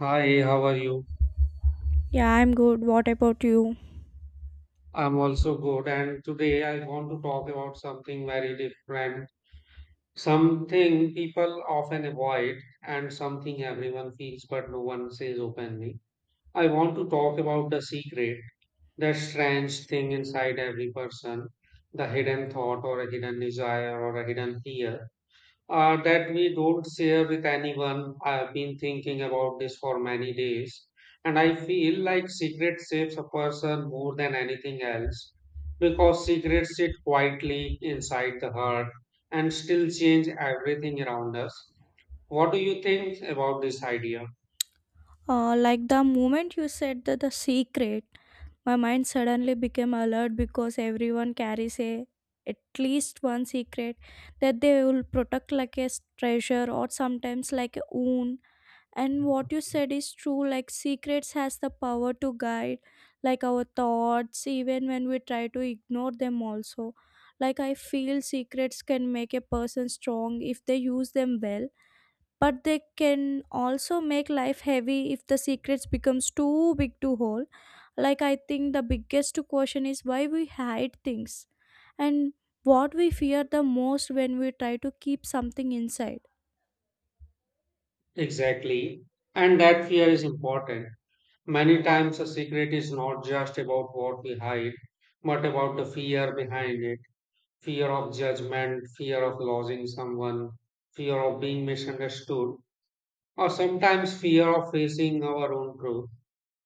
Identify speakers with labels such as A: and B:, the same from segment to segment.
A: Hi, how are you?
B: Yeah, I'm good. What about you?
A: I'm also good, and today I want to talk about something very different, something people often avoid, and something everyone feels but no one says openly. I want to talk about the secret, the strange thing inside every person, the hidden thought, or a hidden desire, or a hidden fear that we don't share with anyone. I've been thinking about this for many days, and I feel like secret saves a person more than anything else because secrets sit quietly inside the heart and still change everything around us. What do you think about this idea?
B: Like the moment you said that the secret, my mind suddenly became alert because everyone carries a at least one secret that they will protect like a treasure or sometimes like a wound. And what you said is true. Like secrets has the power to guide like our thoughts even when we try to ignore them also. Like I feel secrets can make a person strong if they use them well but they can also make life heavy if the secrets becomes too big to hold. Like I think the biggest question is why we hide things, and what we fear the most when we try to keep something inside.
A: Exactly. And that fear is important. Many times, a secret is not just about what we hide, but about the fear behind it, fear of judgment, fear of losing someone, fear of being misunderstood, or sometimes fear of facing our own truth.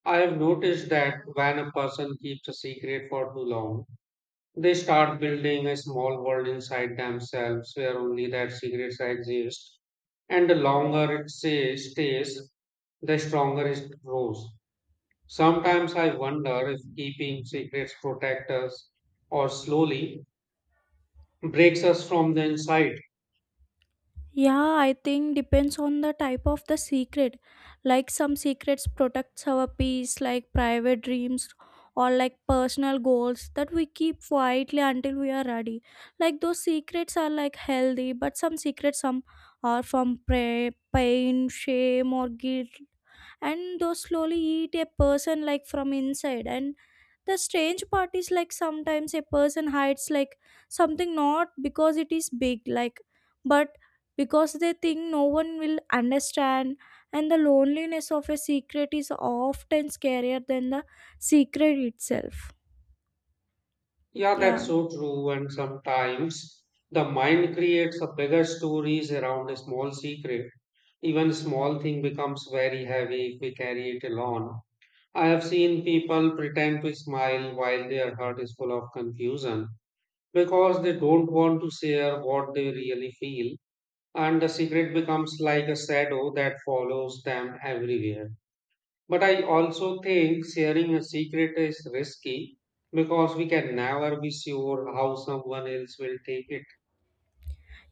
A: I have noticed that when a person keeps a secret for too long, they start building a small world inside themselves where only that secret exist. And the longer stays, the stronger it grows. Sometimes I wonder if keeping secrets protect us or slowly breaks us from the inside.
B: Yeah, I think depends on the type of the secret. Like some secrets protects our peace, like private dreams or like personal goals that we keep quietly until we are ready. Like those secrets are like healthy, but some secrets some are from pain, shame or guilt, and those slowly eat a person like from inside. And the strange part is like sometimes a person hides like something not because it is big like, but because they think no one will understand, and the loneliness of a secret is often scarier than the secret itself.
A: Yeah,
B: Yeah.
A: that's so true. And sometimes the mind creates a bigger stories around a small secret. Even small thing becomes very heavy if we carry it alone. I have seen people pretend to smile while their heart is full of confusion because they don't want to share what they really feel, and the secret becomes like a shadow that follows them everywhere. But I also think sharing a secret is risky because we can never be sure how someone else will take it.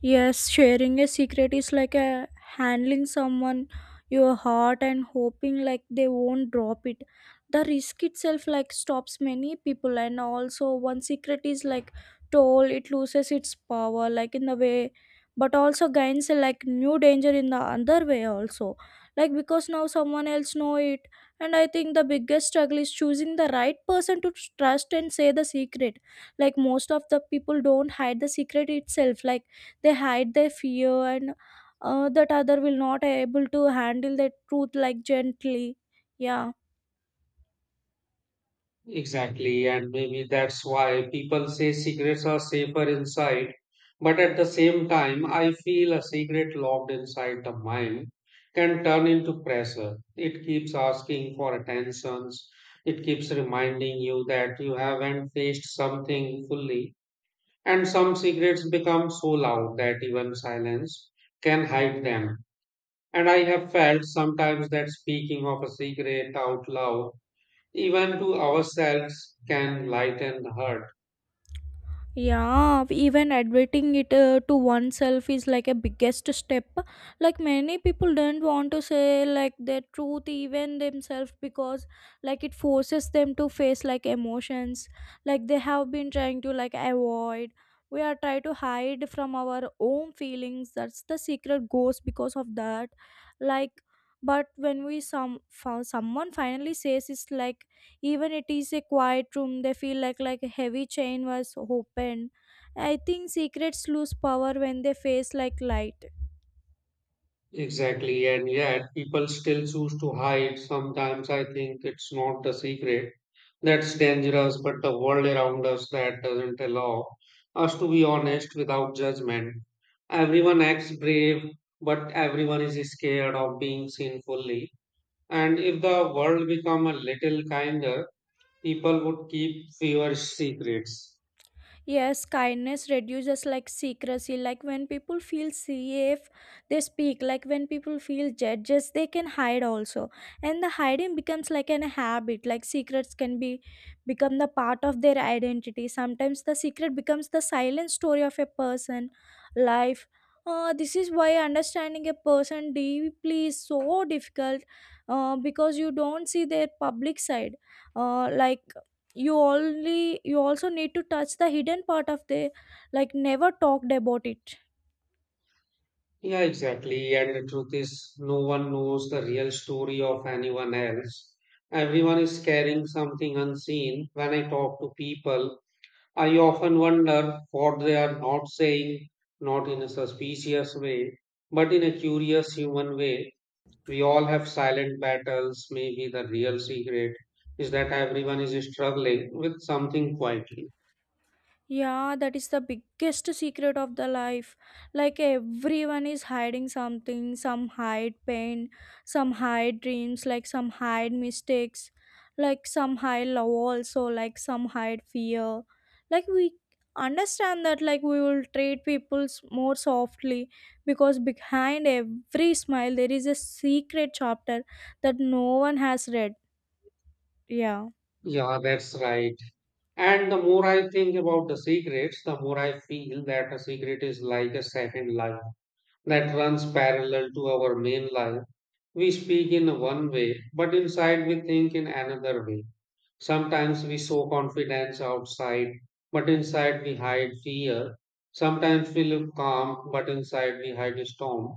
B: Yes, sharing a secret is like a handling someone your heart and hoping like they won't drop it. The risk itself like stops many people, and also one secret is like told it loses its power like in the way, but also gains a like new danger in the other way also, like because now someone else know it. And I think the biggest struggle is choosing the right person to trust and say the secret. Like most of the people don't hide the secret itself, like they hide their fear and that other will not able to handle the truth like gently. Yeah.
A: Exactly. And maybe that's why people say secrets are safer inside. But at the same time, I feel a secret locked inside the mind can turn into pressure. It keeps asking for attentions. It keeps reminding you that you haven't faced something fully. And some secrets become so loud that even silence can hide them. And I have felt sometimes that speaking of a secret out loud, even to ourselves, can lighten the hurt.
B: Yeah, even admitting it to oneself is like a biggest step. Like many people don't want to say like their truth even themselves, because like it forces them to face like emotions like they have been trying to like avoid. We are trying to hide from our own feelings. That's the secret ghost because of that. Like but when we some found someone finally says it's like, even it is a quiet room, they feel like a heavy chain was opened. I think secrets lose power when they face like light.
A: Exactly, and yet people still choose to hide. Sometimes I think it's not the secret that's dangerous, but the world around us that doesn't allow us to be honest without judgment. Everyone acts brave, but everyone is scared of being seen fully. And if the world become a little kinder, people would keep fewer secrets.
B: Yes, kindness reduces like secrecy. Like when people feel safe, they speak. Like when people feel judges, they can hide also. And the hiding becomes like an habit. Like secrets can be become the part of their identity. Sometimes the secret becomes the silent story of a person, life. This is why understanding a person deeply is so difficult, because you don't see their public side, like you only you also need to touch the hidden part of the like never talked about it.
A: Yeah, exactly. And the truth is, no one knows the real story of anyone else. Everyone is carrying something unseen. When I talk to people, I often wonder what they are not saying, not in a suspicious way, but in a curious human way. We all have silent battles. Maybe the real secret is that everyone is struggling with something quietly.
B: Yeah, that is the biggest secret of the life. Like everyone is hiding something, some hide pain, some hide dreams, like some hide mistakes, like some hide love also, like some hide fear. Like we understand that like we will treat people more softly, because behind every smile there is a secret chapter that no one has read. Yeah.
A: Yeah, that's right. And the more I think about the secrets, the more I feel that a secret is like a second life that runs parallel to our main life. We speak in one way, but inside we think in another way. Sometimes we show confidence outside, but inside we hide fear. Sometimes we look calm, but inside we hide a storm.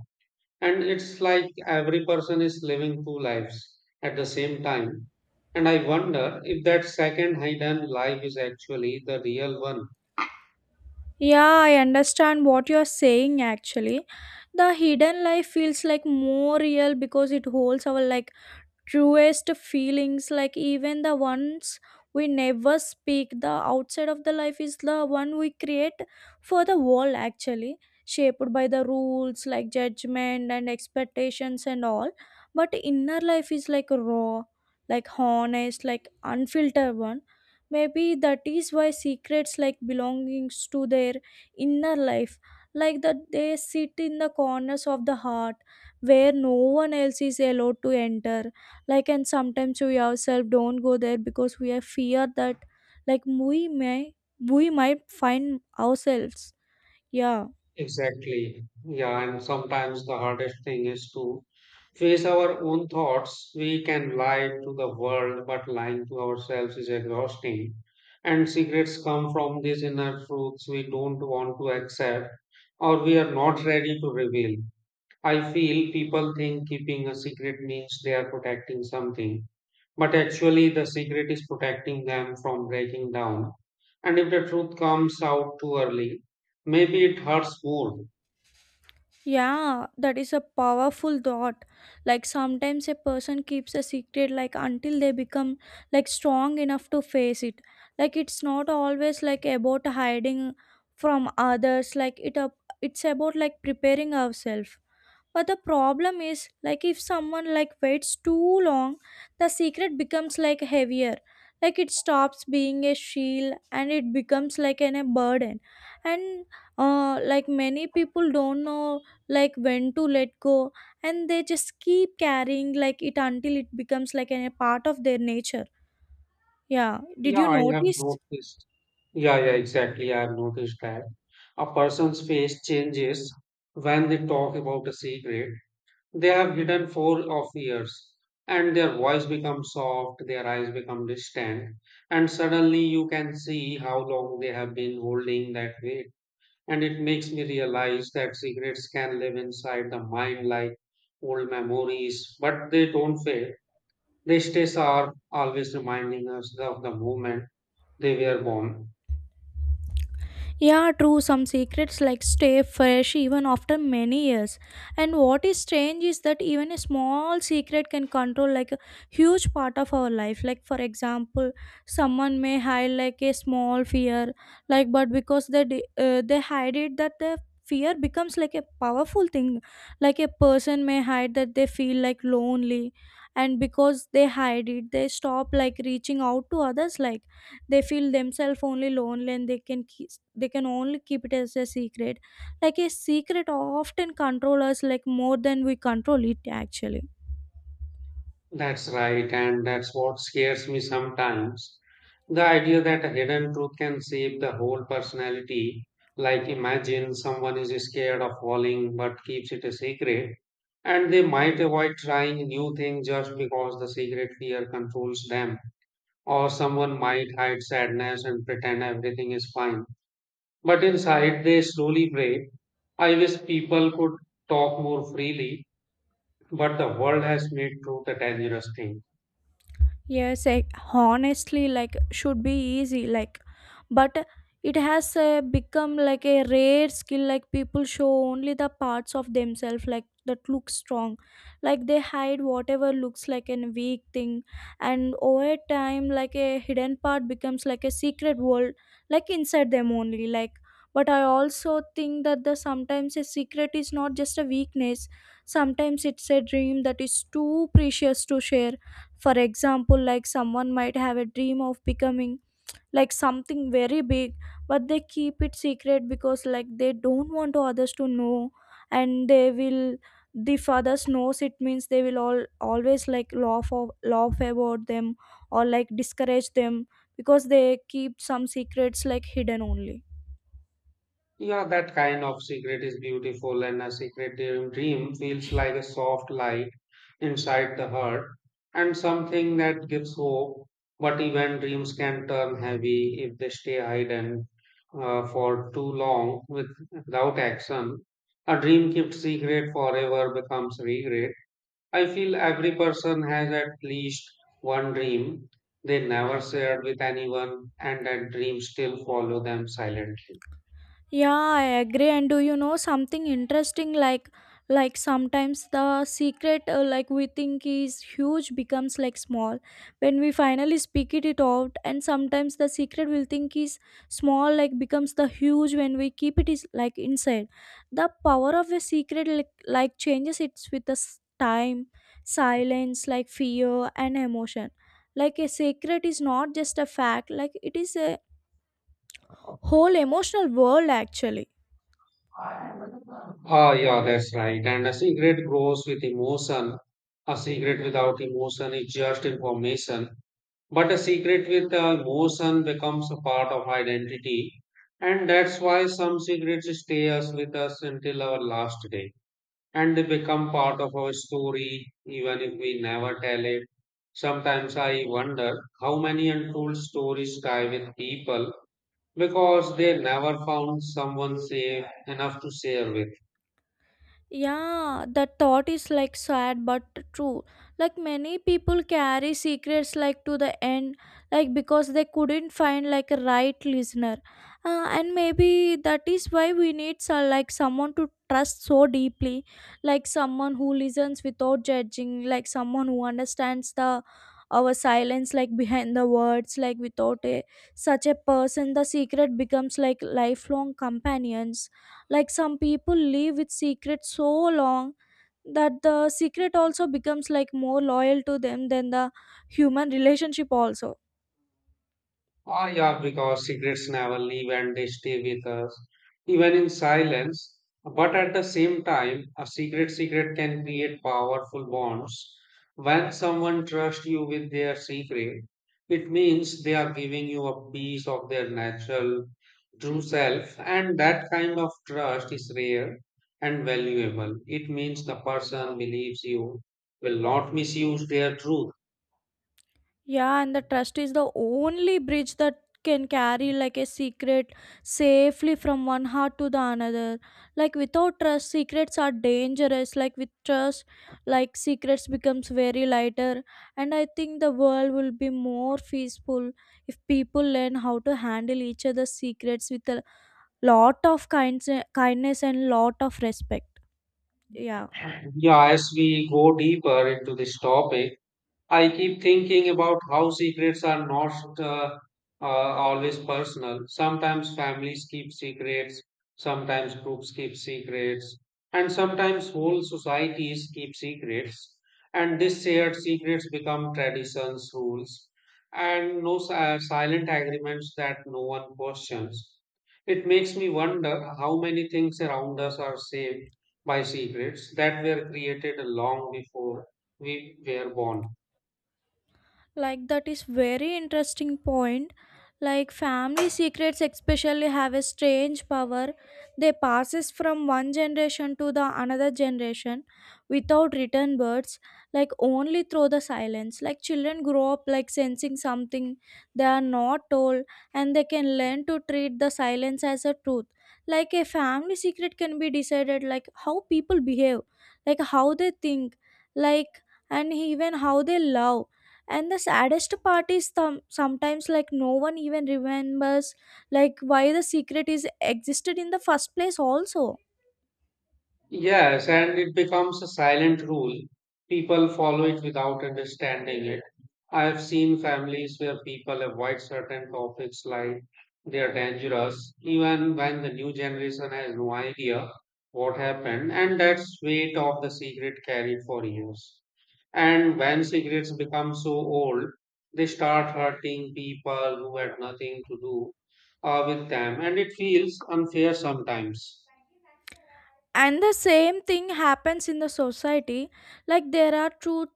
A: And it's like every person is living two lives at the same time. And I wonder if that second hidden life is actually the real one.
B: Yeah, I understand what you're saying actually. The hidden life feels like more real because it holds our like truest feelings, like even the ones we never speak. The outside of the life is the one we create for the world actually, shaped by the rules like judgment and expectations and all, but inner life is like raw, like honest, like unfiltered one. Maybe that is why secrets like belongings to their inner life, like that they sit in the corners of the heart where no one else is allowed to enter. Like and sometimes we ourselves don't go there because we are fear that like we might find ourselves. Yeah.
A: Exactly. Yeah, and sometimes the hardest thing is to face our own thoughts. We can lie to the world, but lying to ourselves is exhausting. And secrets come from these inner truths we don't want to accept or we are not ready to reveal. I feel people think keeping a secret means they are protecting something, but actually the secret is protecting them from breaking down. And if the truth comes out too early, maybe it hurts more.
B: Yeah, that is a powerful thought. Like sometimes a person keeps a secret like until they become like strong enough to face it. Like it's not always like about hiding from others, like it's about like preparing ourselves. But the problem is, like if someone like waits too long, the secret becomes like heavier. Like it stops being a shield and it becomes like an a burden. And like many people don't know like when to let go, and they just keep carrying like it until it becomes like an, a part of their nature. Yeah, did
A: Yeah,
B: you
A: I have
B: notice?
A: noticed. Yeah, yeah, exactly. I have noticed that. A person's face changes when they talk about a secret. They have hidden for of years, and their voice becomes soft, their eyes become distant, and suddenly you can see how long they have been holding that weight. And it makes me realize that secrets can live inside the mind like old memories, but they don't fade. They stay sharp, always reminding us of the moment they were born.
B: Yeah, true. Some secrets like stay fresh even after many years. And what is strange is that even a small secret can control like a huge part of our life. Like for example, someone may hide like a small fear, like but because they they hide it, that the fear becomes like a powerful thing. Like a person may hide that they feel like lonely, and because they hide it, they stop like reaching out to others. Like they feel themselves only lonely, and they can keep, they can only keep it as a secret. Like a secret often control us like more than we control it actually.
A: That's right, and that's what scares me sometimes. The idea that a hidden truth can shape the whole personality. Like, imagine someone is scared of falling but keeps it a secret, and they might avoid trying new things just because the secret fear controls them. Or someone might hide sadness and pretend everything is fine, but inside they slowly break. I wish people could talk more freely, but the world has made truth a dangerous thing.
B: Yes, I, honestly, like should be easy, like, but it has become like a rare skill. Like people show only the parts of themselves, like that look strong, like they hide whatever looks like a weak thing, and over time, like a hidden part becomes like a secret world, like inside them only. Like, but I also think that the sometimes a secret is not just a weakness. Sometimes it's a dream that is too precious to share. For example, like someone might have a dream of becoming like something very big, but they keep it secret because like they don't want others to know, and they will if others knows it means they will all always like laugh about them or like discourage them, because they keep some secrets like hidden only.
A: Yeah, that kind of secret is beautiful, and a secret dream feels like a soft light inside the heart and something that gives hope. But even dreams can turn heavy if they stay hidden for too long, without action. A dream kept secret forever becomes regret. I feel every person has at least one dream they never shared with anyone, and that dream still follow them silently.
B: Yeah, I agree. And do you know something interesting? Like sometimes the secret, like we think is huge, becomes like small when we finally speak it out. And sometimes the secret we'll think is small, like becomes the huge when we keep it is like inside. The power of a secret, like changes it's with the time, silence, like fear and emotion. Like a secret is not just a fact; like it is a whole emotional world actually.
A: Ah, yeah, that's right. And a secret grows with emotion. A secret without emotion is just information. But a secret with emotion becomes a part of identity. And that's why some secrets stay us with us until our last day. And they become part of our story, even if we never tell it. Sometimes I wonder how many untold stories die with people because they never found someone safe enough to share with.
B: Yeah, that thought is like sad but true. Like many people carry secrets like to the end, like because they couldn't find like a right listener, and maybe that is why we need so, like someone to trust so deeply, like someone who listens without judging, like someone who understands the our silence like behind the words like without a such a person the secret becomes like lifelong companions. Like some people live with secrets so long that the secret also becomes like more loyal to them than the human relationship also.
A: Ah, yeah, because secrets never leave and they stay with us, even in silence. But at the same time, a secret can create powerful bonds. When someone trusts you with their secret, it means they are giving you a piece of their natural, true self, and that kind of trust is rare and valuable. It means the person believes you will not misuse their truth.
B: Yeah, and the trust is the only bridge that can carry like a secret safely from one heart to the another. Like without trust, secrets are dangerous. Like with trust, like secrets becomes very lighter, and I think the world will be more peaceful if people learn how to handle each other's secrets with a lot of kinds kindness and lot of respect. Yeah.
A: Yeah, as we go deeper into this topic, I keep thinking about how secrets are not always personal. Sometimes families keep secrets, sometimes groups keep secrets, and sometimes whole societies keep secrets. And these shared secrets become traditions, rules, and no si- silent agreements that no one questions. It makes me wonder how many things around us are saved by secrets that were created long before we were born.
B: Like that is very interesting point. Like family secrets especially have a strange power. They passes from one generation to the another generation without written words, like only through the silence. Like children grow up like sensing something they are not told, and they can learn to treat the silence as a truth. Like a family secret can be decided like how people behave, like how they think, like and even how they love. And the saddest part is sometimes like no one even remembers like why the secret is existed in the first place also.
A: Yes, and it becomes a silent rule. People follow it without understanding it. I have seen families where people avoid certain topics like they are dangerous, even when the new generation has no idea what happened, and that's weight of the secret carried for years. And when secrets become so old, they start hurting people who had nothing to do with them, and it feels unfair sometimes.
B: And the same thing happens in the society. Like there are truth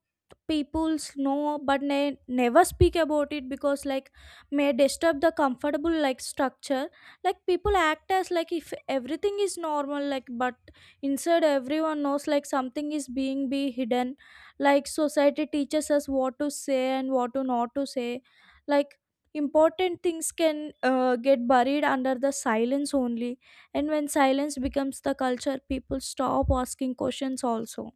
B: people's know, but they never speak about it because like may disturb the comfortable like structure. Like people act as like if everything is normal, like but inside everyone knows like something is being be hidden. Like society teaches us what to say and what to not to say. Like important things can get buried under the silence only, and when silence becomes the culture people stop asking questions also.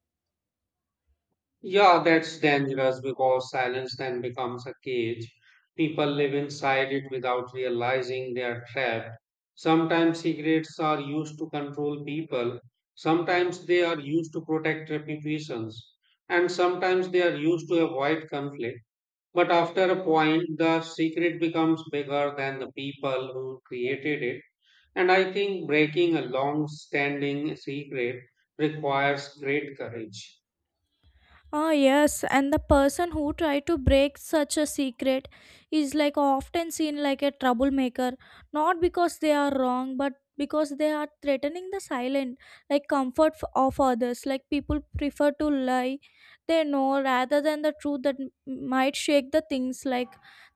A: Yeah, that's dangerous because silence then becomes a cage. People live inside it without realizing they are trapped. Sometimes secrets are used to control people, sometimes they are used to protect reputations, and sometimes they are used to avoid conflict. But after a point, the secret becomes bigger than the people who created it. And I think breaking a long standing secret requires great courage.
B: Ah, yes, and the person who tried to break such a secret is like often seen like a troublemaker, not because they are wrong, but because they are threatening the silent, like of others. Like people prefer to lie, they know, rather than the truth that might shake the things. Like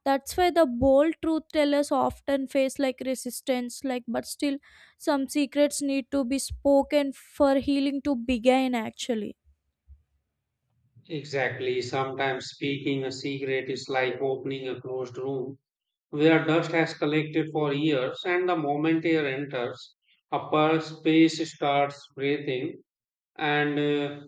B: that's why the bold truth tellers often face like resistance. Like, but still, some secrets need to be spoken for healing to begin. Actually.
A: Exactly. Sometimes speaking a secret is like opening a closed room where dust has collected for years, and the moment air enters, upper space starts breathing. And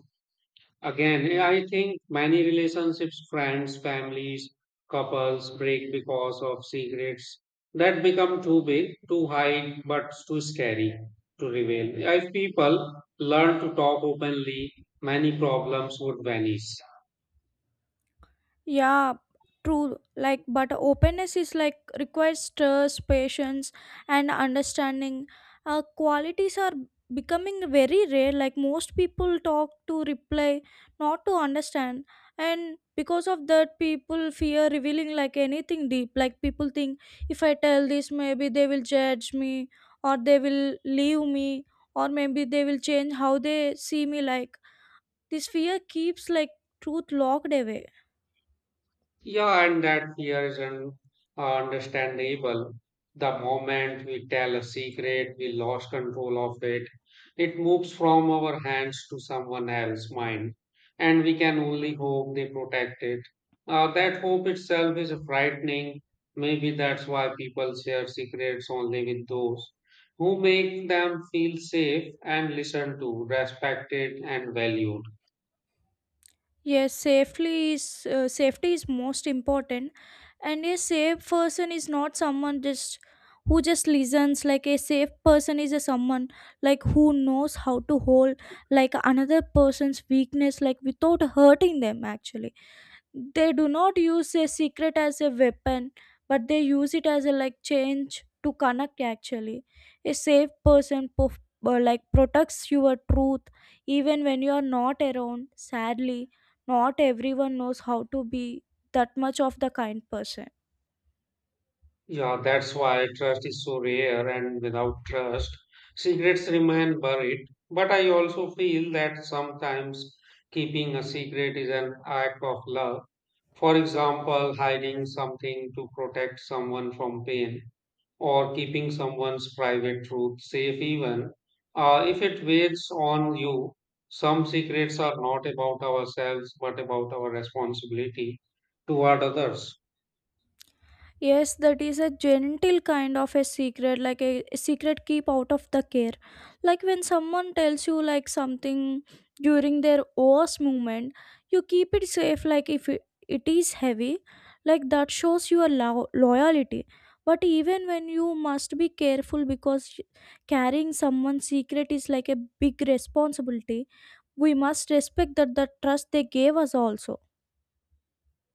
A: again, I think many relationships, friends, families, couples break because of secrets that become too big, too high, but too scary to reveal. If people learn to talk openly, many problems would vanish.
B: Yeah, true. Like, but openness is like requires trust, patience, and understanding. Qualities are becoming very rare. Like, most people talk to reply, not to understand. And because of that, people fear revealing like anything deep. Like, people think if I tell this, maybe they will judge me, or they will leave me, or maybe they will change how they see me. Like, this fear keeps like truth locked away.
A: Yeah, and that fear is understandable. The moment we tell a secret, we lost control of it. It moves from our hands to someone else's mind, and we can only hope they protect it. That hope itself is frightening. Maybe that's why people share secrets only with those who make them feel safe and listened to, respected, and valued.
B: Yes, safely is safety is most important, and a safe person is not someone just who just listens. Like a safe person is a someone like who knows how to hold like another person's weakness like without hurting them. Actually, they do not use a secret as a weapon, but they use it as a like change to connect. Actually, a like, protects your truth even when you are not around. Sadly, not everyone knows how to be that much of the kind person.
A: Yeah, that's why trust is so rare, and without trust, secrets remain buried. But I also feel that sometimes keeping a secret is an act of love. For example, hiding something to protect someone from pain, or keeping someone's private truth safe, even if it weighs on you. Some secrets are not about ourselves, but about our responsibility toward others.
B: Yes, that is a gentle kind of a secret, like a secret keep out of the care. Like when someone tells you like something during their worst moment, you keep it safe. Like if it is heavy, like that shows your loyalty. But even when you must be careful because carrying someone's secret is like a big responsibility. We must respect that the trust they gave us also.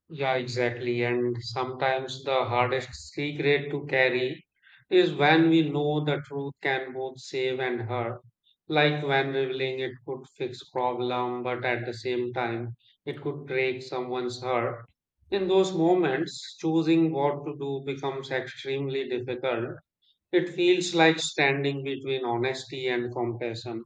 A: Yeah, exactly. And sometimes the hardest secret to carry is when we know the truth can both save and hurt. Like when revealing it could fix problem, but at the same time it could break someone's heart. In those moments, choosing what to do becomes extremely difficult. It feels like standing between honesty and compassion.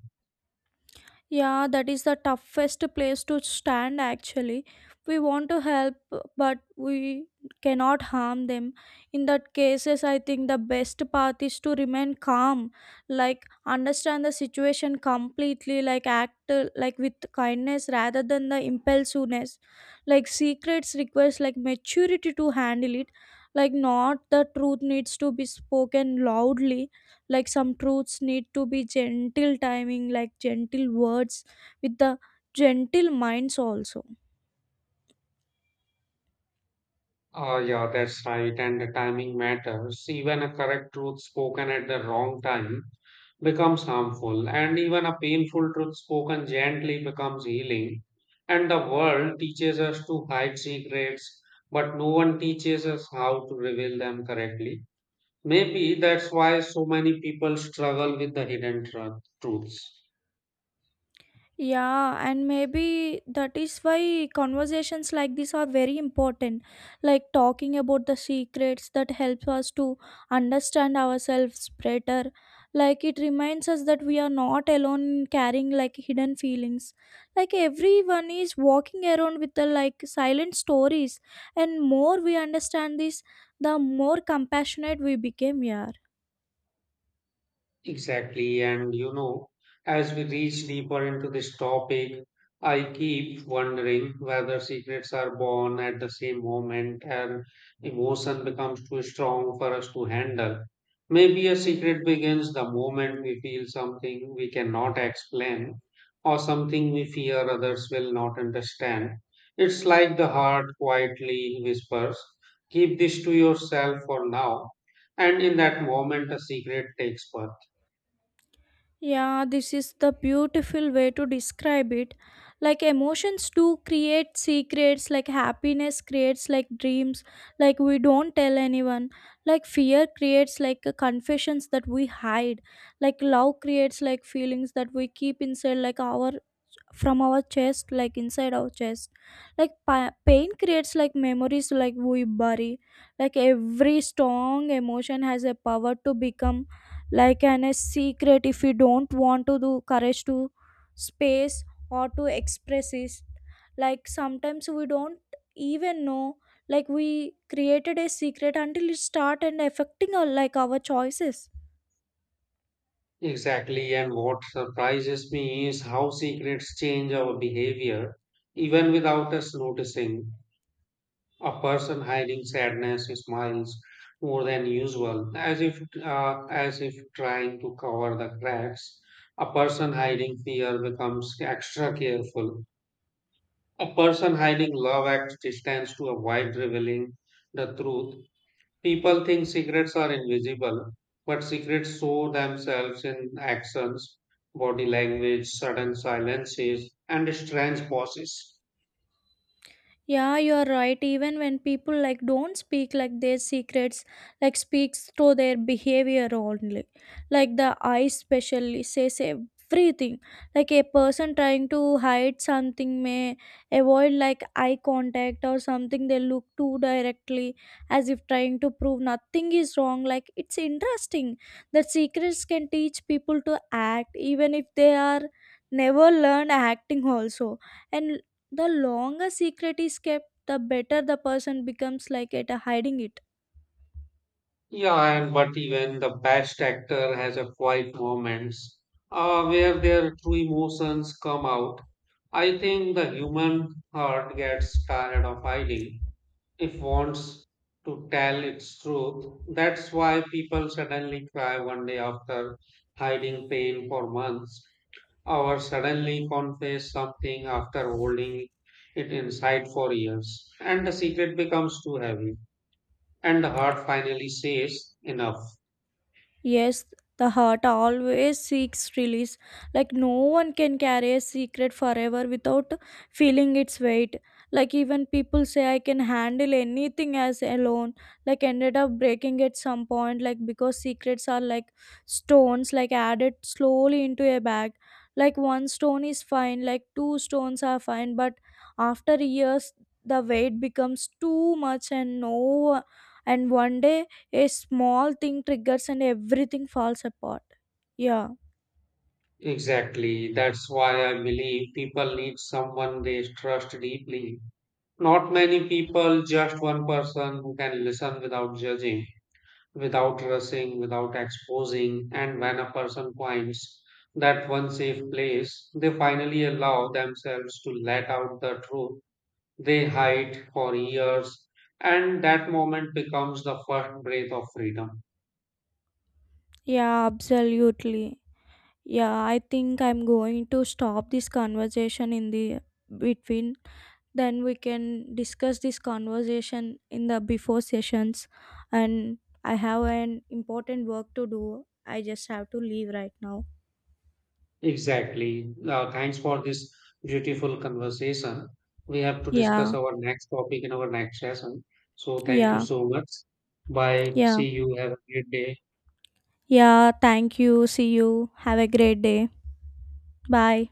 B: Yeah, that is the toughest place to stand actually. We want to help, but we cannot harm them. In that cases, I think the best path is to remain calm, like understand the situation completely, like act like, with kindness rather than the impulsiveness. Like secrets requires like maturity to handle it. Like not the truth needs to be spoken loudly, like some truths need to be gentle timing, like gentle words with the gentle minds also.
A: Ah, yeah, that's right. And the timing matters. Even a correct truth spoken at the wrong time becomes harmful, and even a painful truth spoken gently becomes healing. And the world teaches us to hide secrets, but no one teaches us how to reveal them correctly. Maybe that's why so many people struggle with the hidden truths.
B: Yeah, and maybe that is why conversations like this are very important. Like talking about the secrets that help us to understand ourselves better. Like it reminds us that we are not alone in carrying like hidden feelings. Like everyone is walking around with the like silent stories, and more we understand this, the more compassionate we became. Yeah.
A: Exactly. And you know, as we reach deeper into this topic, I keep wondering whether secrets are born at the same moment and emotion becomes too strong for us to handle. Maybe a secret begins the moment we feel something we cannot explain or something we fear others will not understand. It's like the heart quietly whispers, "Keep this to yourself for now." And in that moment, a secret takes birth.
B: Yeah, this is the beautiful way to describe it. Like emotions do create secrets, like happiness creates like dreams, like we don't tell anyone. Like fear creates like confessions that we hide. Like love creates like feelings that we keep inside like our from our chest, like inside our chest, like pain creates like memories like we bury. Like every strong emotion has a power to become like an a secret if we don't want to do courage to space or to express it. Like sometimes we don't even know like we created a secret until it start and affecting our like our choices.
A: Exactly, and what surprises me is how secrets change our behavior even without us noticing. A person hiding sadness smiles more than usual, as if trying to cover the cracks. A person hiding fear becomes extra careful. A person hiding love acts distance to avoid revealing the truth. People think secrets are invisible, but secrets show themselves in actions, body language, sudden silences, and strange pauses.
B: Yeah, you are right. Even when people like don't speak like their secrets, like speaks through their behavior only. Like the eyes specially says everything. Like a person trying to hide something may avoid like eye contact or something. They look too directly as if trying to prove nothing is wrong. Like it's interesting that secrets can teach people to act even if they are never learned acting also. And the longer secret is kept, the better the person becomes like at hiding it.
A: Yeah, and but even the best actor has a quiet moments where their true emotions come out. I think the human heart gets tired of hiding if wants to tell its truth. That's why people suddenly cry one day after hiding pain for months, or suddenly confess something after holding it inside for years, and the secret becomes too heavy, and the heart finally says, "Enough."
B: Yes, the heart always seeks release. Like no one can carry a secret forever without feeling its weight. Like even people say I can handle anything as alone. Like ended up breaking at some point. Like because secrets are like stones, like added slowly into a bag. Like one stone is fine, like two stones are fine, but after years the weight becomes too much, and no and one day a small thing triggers and everything falls apart. Yeah,
A: Exactly. That's why I believe people need someone they trust deeply. Not many people, just one person who can listen without judging, without rushing, without exposing. And when a person finds that one safe place, they finally allow themselves to let out the truth they hide for years, and that moment becomes the first breath of freedom.
B: yeah, absolutely. Yeah, I think I'm going to stop this conversation in the between. Then we can discuss this conversation in the before sessions. And I have an important work to do. I just have to leave right now.
A: Exactly. Thanks for this beautiful conversation. We have to discuss
B: Yeah,
A: our next topic in our next session. So, thank you
B: yeah,
A: so much. Bye.
B: yeah,
A: See you. Have a great day.
B: yeah. Thank you. See you. Have a great day. Bye.